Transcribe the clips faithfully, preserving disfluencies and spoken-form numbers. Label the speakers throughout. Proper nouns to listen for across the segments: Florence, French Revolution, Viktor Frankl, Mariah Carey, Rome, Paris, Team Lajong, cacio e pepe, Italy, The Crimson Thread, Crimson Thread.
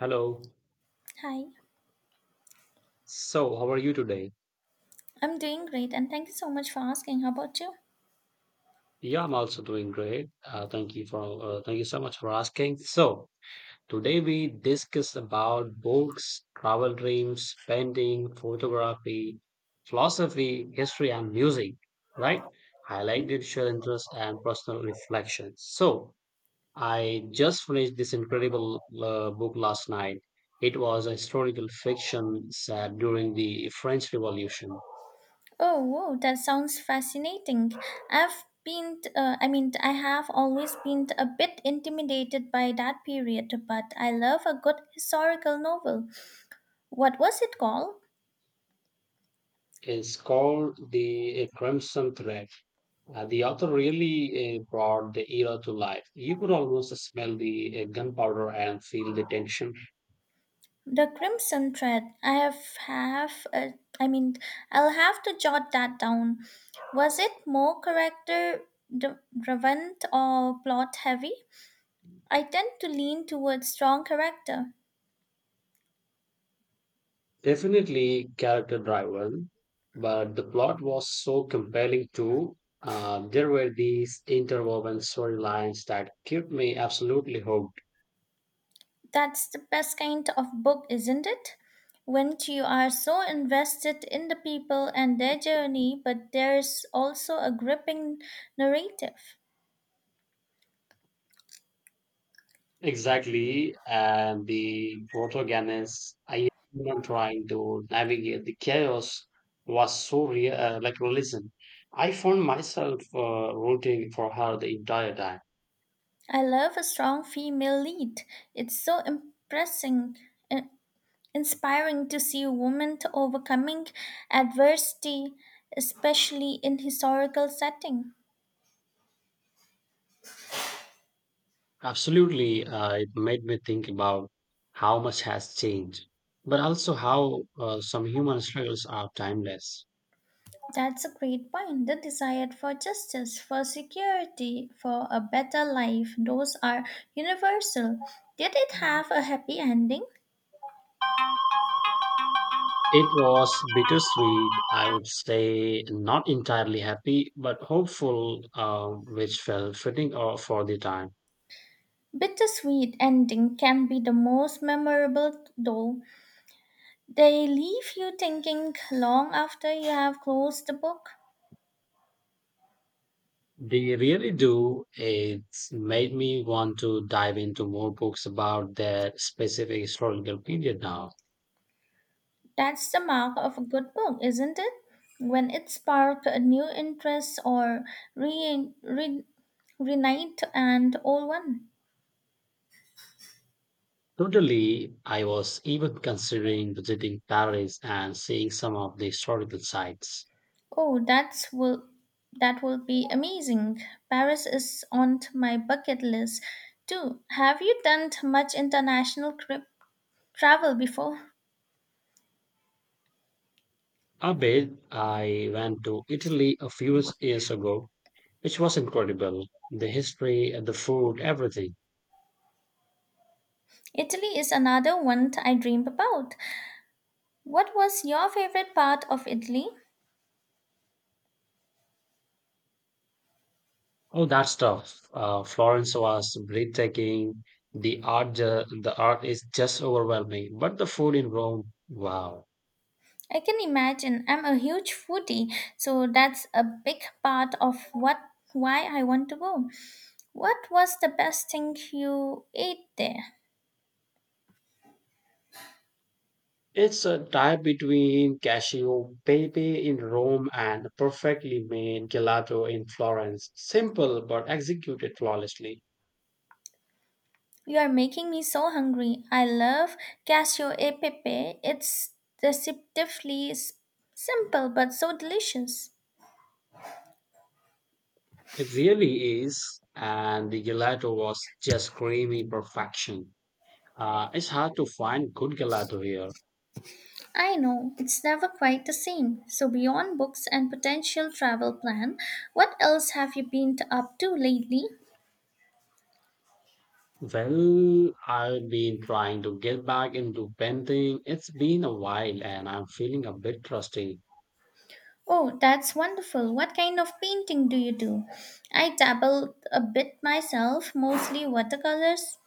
Speaker 1: Hello.
Speaker 2: Hi,
Speaker 1: So, how are you today?
Speaker 2: I'm doing great and thank you so much for asking. How about you?
Speaker 1: Yeah, I'm also doing great. Uh, thank you for uh, thank you so much for asking. So, today we discuss about books, travel dreams, painting, photography, philosophy, history, and music. Right? Highlighted shared interests and personal reflections. So, I just finished this incredible uh, book last night. It was a historical fiction set during the French Revolution.
Speaker 2: Oh, whoa, that sounds fascinating. I've been, uh, I mean, I have always been a bit intimidated by that period, but I love a good historical novel. What was it called?
Speaker 1: Is called the uh, Crimson Thread. Uh, the author really uh, brought the era to life. You could almost smell the uh, gunpowder and feel the tension.
Speaker 2: The Crimson Thread. I have, have uh, I mean, I'll have to jot that down. Was it more character dri- driven or plot heavy? I tend to lean towards strong character.
Speaker 1: Definitely character driven, but the plot was so compelling too. Uh, there were these interwoven storylines that kept me absolutely hooked.
Speaker 2: That's the best kind of book, isn't it? When you are so invested in the people and their journey, but there's also a gripping narrative.
Speaker 1: Exactly. And the protagonist, I am trying to navigate the chaos, was so real, uh, like realism. I found myself uh, rooting for her the entire time.
Speaker 2: I love a strong female lead. It's so impressing, in- inspiring to see women overcoming adversity, especially in historical setting.
Speaker 1: Absolutely. Uh, it made me think about how much has changed, but also how uh, some human struggles are timeless.
Speaker 2: That's a great point. The desire for justice, for security, for a better life, those are universal. Did it have a happy ending?
Speaker 1: It was bittersweet, I would say, not entirely happy, but hopeful, uh, which felt fitting uh, for the time.
Speaker 2: Bittersweet ending can be the most memorable, though. They leave you thinking long after you have closed the book.
Speaker 1: They really do. It's made me want to dive into more books about that specific historical period now.
Speaker 2: That's the mark of a good book, isn't it? When it sparks a new interest or re- re- reunite an old one.
Speaker 1: Totally, I was even considering visiting Paris and seeing some of the historical sites.
Speaker 2: Oh, that's will that will be amazing. Paris is on to my bucket list too. Have you done t- much international trip travel before?
Speaker 1: A bit, I went to Italy a few years ago, which was incredible. The history, the food, everything.
Speaker 2: Italy is another one t- I dream about. What was your favorite part of Italy?
Speaker 1: Oh, that's tough. Uh, Florence was breathtaking. The art, ju- the art is just overwhelming. But the food in Rome, wow!
Speaker 2: I can imagine. I'm a huge foodie, so that's a big part of what why I want to go. What was the best thing you ate there?
Speaker 1: It's a tie between cashew pepe in Rome and perfectly made gelato in Florence. Simple but executed flawlessly.
Speaker 2: You are making me so hungry. I love cashew e pepe. It's deceptively s- simple but so delicious.
Speaker 1: It really is, and the gelato was just creamy perfection. Uh, it's hard to find good gelato here.
Speaker 2: I know, it's never quite the same. So, beyond books and potential travel plan, what else have you been t- up to lately?
Speaker 1: Well, I've been trying to get back into painting. It's been a while and I'm feeling a bit rusty.
Speaker 2: Oh, that's wonderful. What kind of painting do you do? I dabble a bit myself, mostly watercolors.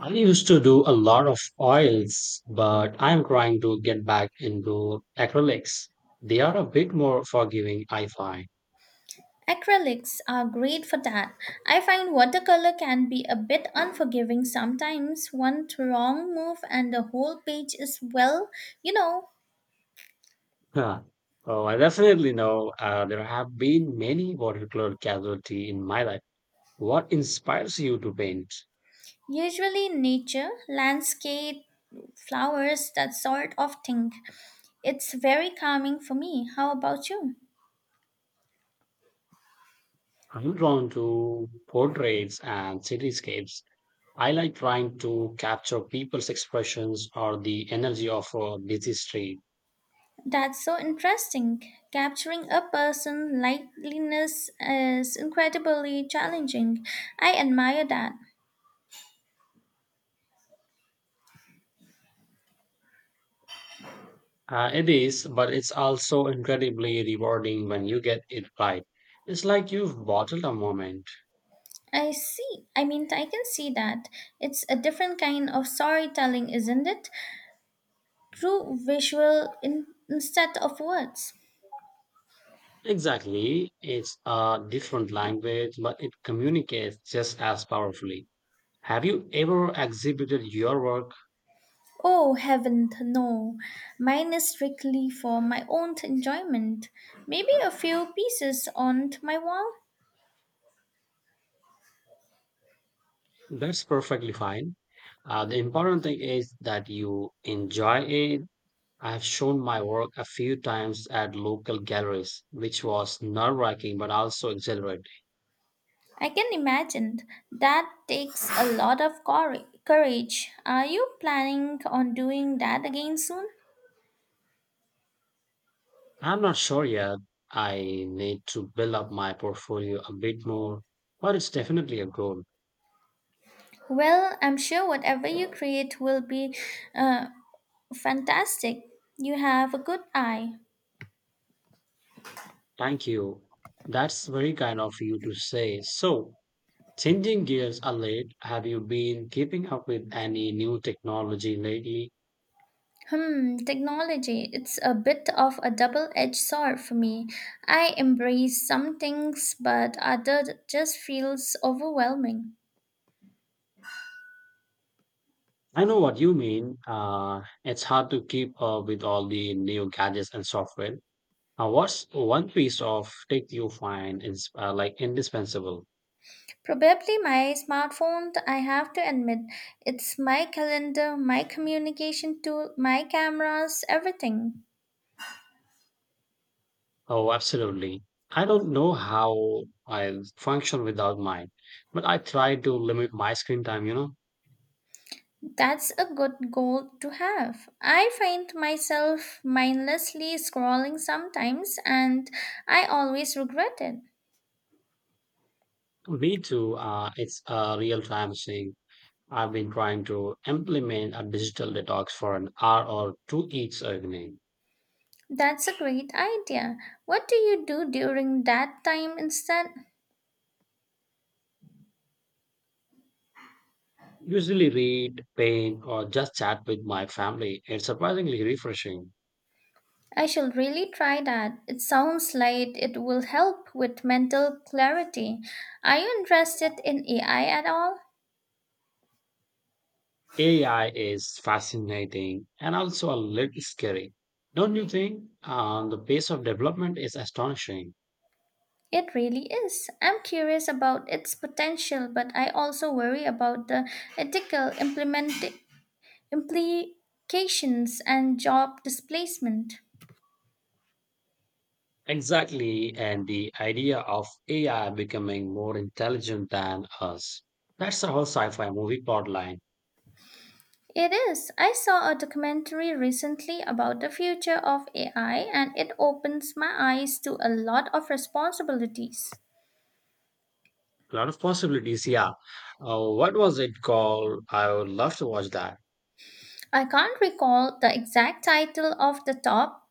Speaker 1: I used to do a lot of oils, but I'm trying to get back into acrylics. They are a bit more forgiving, I find.
Speaker 2: Acrylics are great for that. I find watercolor can be a bit unforgiving sometimes. One wrong move and the whole page is, well, you know,
Speaker 1: Huh. Oh, I definitely know uh, there have been many watercolor casualty in my life. What inspires you to paint?
Speaker 2: Usually nature, landscape, flowers, that sort of thing. It's very calming for me. How about you?
Speaker 1: I'm drawn to portraits and cityscapes. I like trying to capture people's expressions or the energy of a busy street.
Speaker 2: That's so interesting. Capturing a person's likeliness is incredibly challenging. I admire that.
Speaker 1: Uh, it is, but it's also incredibly rewarding when you get it right. It's like you've bottled a moment.
Speaker 2: I see. I mean, I can see that. It's a different kind of storytelling, isn't it? Through visual in- instead of words.
Speaker 1: Exactly. It's a different language, but it communicates just as powerfully. Have you ever exhibited your work?
Speaker 2: Oh, heaven, no. Mine is strictly for my own enjoyment. Maybe a few pieces on my wall.
Speaker 1: That's perfectly fine. Uh, the important thing is that you enjoy it. I've shown my work a few times at local galleries, which was nerve wracking but also exhilarating.
Speaker 2: I can imagine. That takes a lot of cour- courage. Are you planning on doing that again soon?
Speaker 1: I'm not sure yet. I need to build up my portfolio a bit more, but it's definitely a goal.
Speaker 2: Well, I'm sure whatever you create will be uh, fantastic. You have a good eye.
Speaker 1: Thank you. That's very kind of you to say. So, changing gears a late, have you been keeping up with any new technology lately?
Speaker 2: Hmm, technology. It's a bit of a double edged sword for me. I embrace some things, but other just feels overwhelming.
Speaker 1: I know what you mean. Uh, it's hard to keep up with all the new gadgets and software. Uh, what's one piece of tech you find is uh, like indispensable?
Speaker 2: Probably my smartphone, I have to admit. It's my calendar, my communication tool, my cameras, everything.
Speaker 1: Oh, absolutely. I don't know how I function without mine, but I try to limit my screen time, you know.
Speaker 2: That's a good goal to have. I find myself mindlessly scrolling sometimes and I always regret it.
Speaker 1: Me too. Uh, it's a real time thing. I've been trying to implement a digital detox for an hour or two each evening.
Speaker 2: That's a great idea. What do you do during that time instead?
Speaker 1: Usually read, paint, or just chat with my family. It's surprisingly refreshing.
Speaker 2: I shall really try that. It sounds like it will help with mental clarity. Are you interested in A I at all?
Speaker 1: A I is fascinating and also a little scary. Don't you think? Um, the pace of development is astonishing.
Speaker 2: It really is. I'm curious about its potential, but I also worry about the ethical implement- implications and job displacement.
Speaker 1: Exactly. And the idea of A I becoming more intelligent than us. That's the whole sci fi movie plot line.
Speaker 2: It is. I saw a documentary recently about the future of A I and it opens my eyes to a lot of responsibilities.
Speaker 1: A lot of possibilities. Yeah. Uh, what was it called? I would love to watch that.
Speaker 2: I can't recall the exact title off the top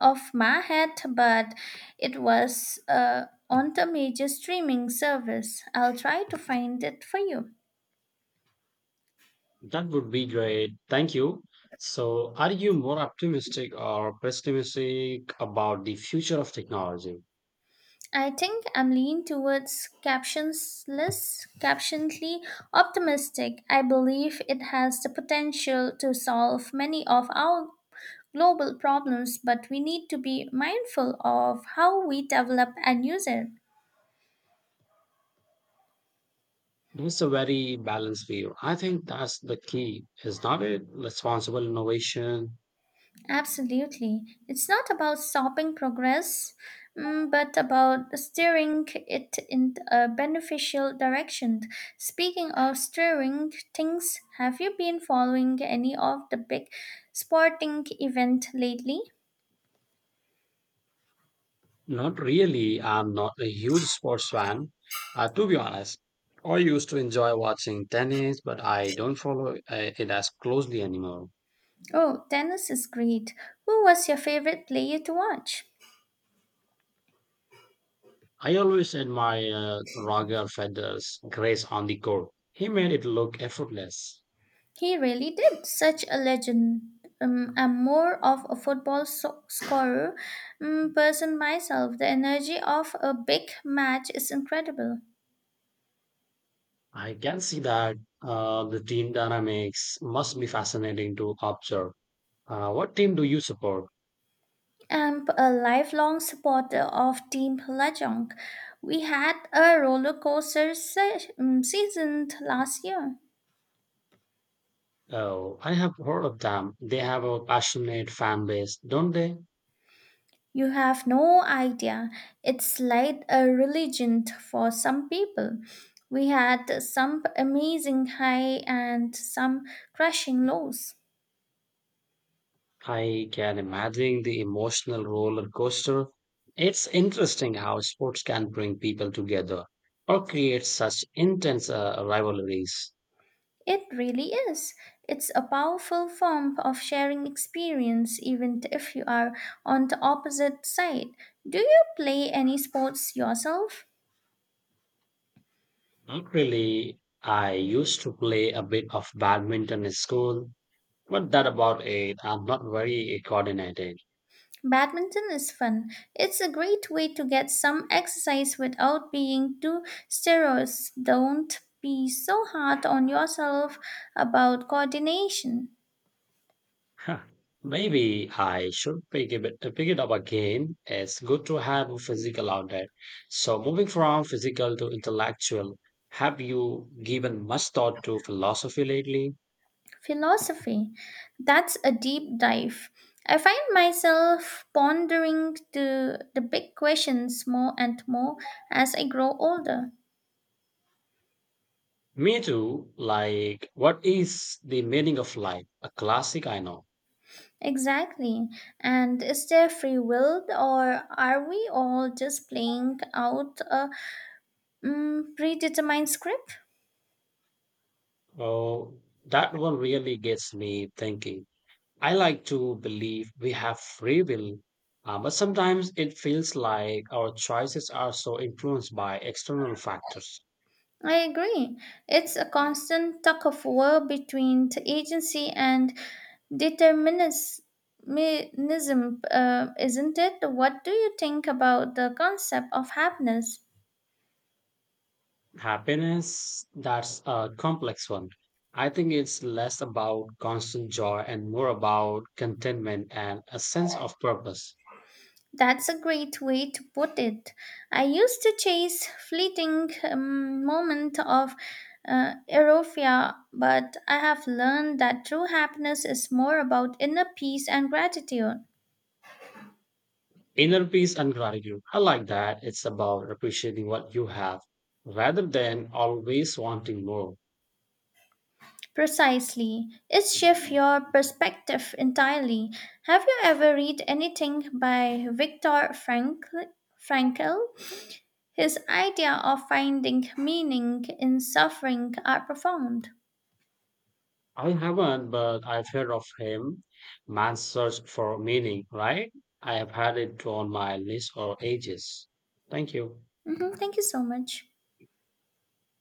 Speaker 2: of my head, but it was uh, on the major streaming service. I'll try to find it for you.
Speaker 1: That would be great. Thank you. So, are you more optimistic or pessimistic about the future of technology?
Speaker 2: I think I'm leaning towards captionless, captionly optimistic. I believe it has the potential to solve many of our global problems, but we need to be mindful of how we develop and use it.
Speaker 1: That's a very balanced view. I think that's the key, is not it? Responsible innovation.
Speaker 2: Absolutely. It's not about stopping progress, mm, but about steering it in a beneficial direction. Speaking of steering things, have you been following any of the big sporting event lately?
Speaker 1: Not really. I'm not a huge sports fan, uh, to be honest. I used to enjoy watching tennis, but I don't follow uh, it as closely anymore.
Speaker 2: Oh, tennis is great. Who was your favorite player to watch?
Speaker 1: I always admire uh, Roger Federer's grace on the court. He made it look effortless.
Speaker 2: He really did. Such a legend. Um, I'm more of a football so- scorer um, person myself. The energy of a big match is incredible.
Speaker 1: I can see that uh, the team dynamics must be fascinating to observe. Uh, what team do you support?
Speaker 2: I'm a lifelong supporter of Team Lajong. We had a roller coaster se- um, season last year.
Speaker 1: Oh, I have heard of them. They have a passionate fan base, don't they?
Speaker 2: You have no idea. It's like a religion for some people. We had some amazing high and some crushing lows.
Speaker 1: I can imagine the emotional roller coaster. It's interesting how sports can bring people together or create such intense uh, rivalries.
Speaker 2: It really is. It's a powerful form of sharing experience, even if you are on the opposite side. Do you play any sports yourself?
Speaker 1: Not really. I used to play a bit of badminton in school, but that about it. I'm not very coordinated.
Speaker 2: Badminton is fun. It's a great way to get some exercise without being too serious. Don't be so hard on yourself about coordination.
Speaker 1: Huh, maybe I should pick it, pick it up again. It's good to have a physical outlet. So, moving from physical to intellectual, have you given much thought to philosophy lately?
Speaker 2: Philosophy. That's a deep dive. I find myself pondering the, the big questions more and more as I grow older.
Speaker 1: Me too. Like, what is the meaning of life? A classic, I know.
Speaker 2: Exactly. And is there free will, or are we all just playing out a mm, predetermined script?
Speaker 1: Oh, that one really gets me thinking. I like to believe we have free will, uh, but sometimes it feels like our choices are so influenced by external factors.
Speaker 2: I agree. It's a constant tug of war between the agency and determinism, uh, isn't it? What do you think about the concept of happiness?
Speaker 1: Happiness, that's a complex one. I think it's less about constant joy and more about contentment and a sense of purpose.
Speaker 2: That's a great way to put it. I used to chase fleeting um, moment of uh, euphoria, but I have learned that true happiness is more about inner peace and gratitude.
Speaker 1: Inner peace and gratitude. I like that. It's about appreciating what you have rather than always wanting more.
Speaker 2: Precisely. It shifts your perspective entirely. Have you ever read anything by Viktor Frankl? Frankl? His idea of finding meaning in suffering are profound.
Speaker 1: I haven't, but I've heard of him. Man's Search for Meaning, right? I have had it on my list for ages. Thank you.
Speaker 2: Mhm, thank you so much.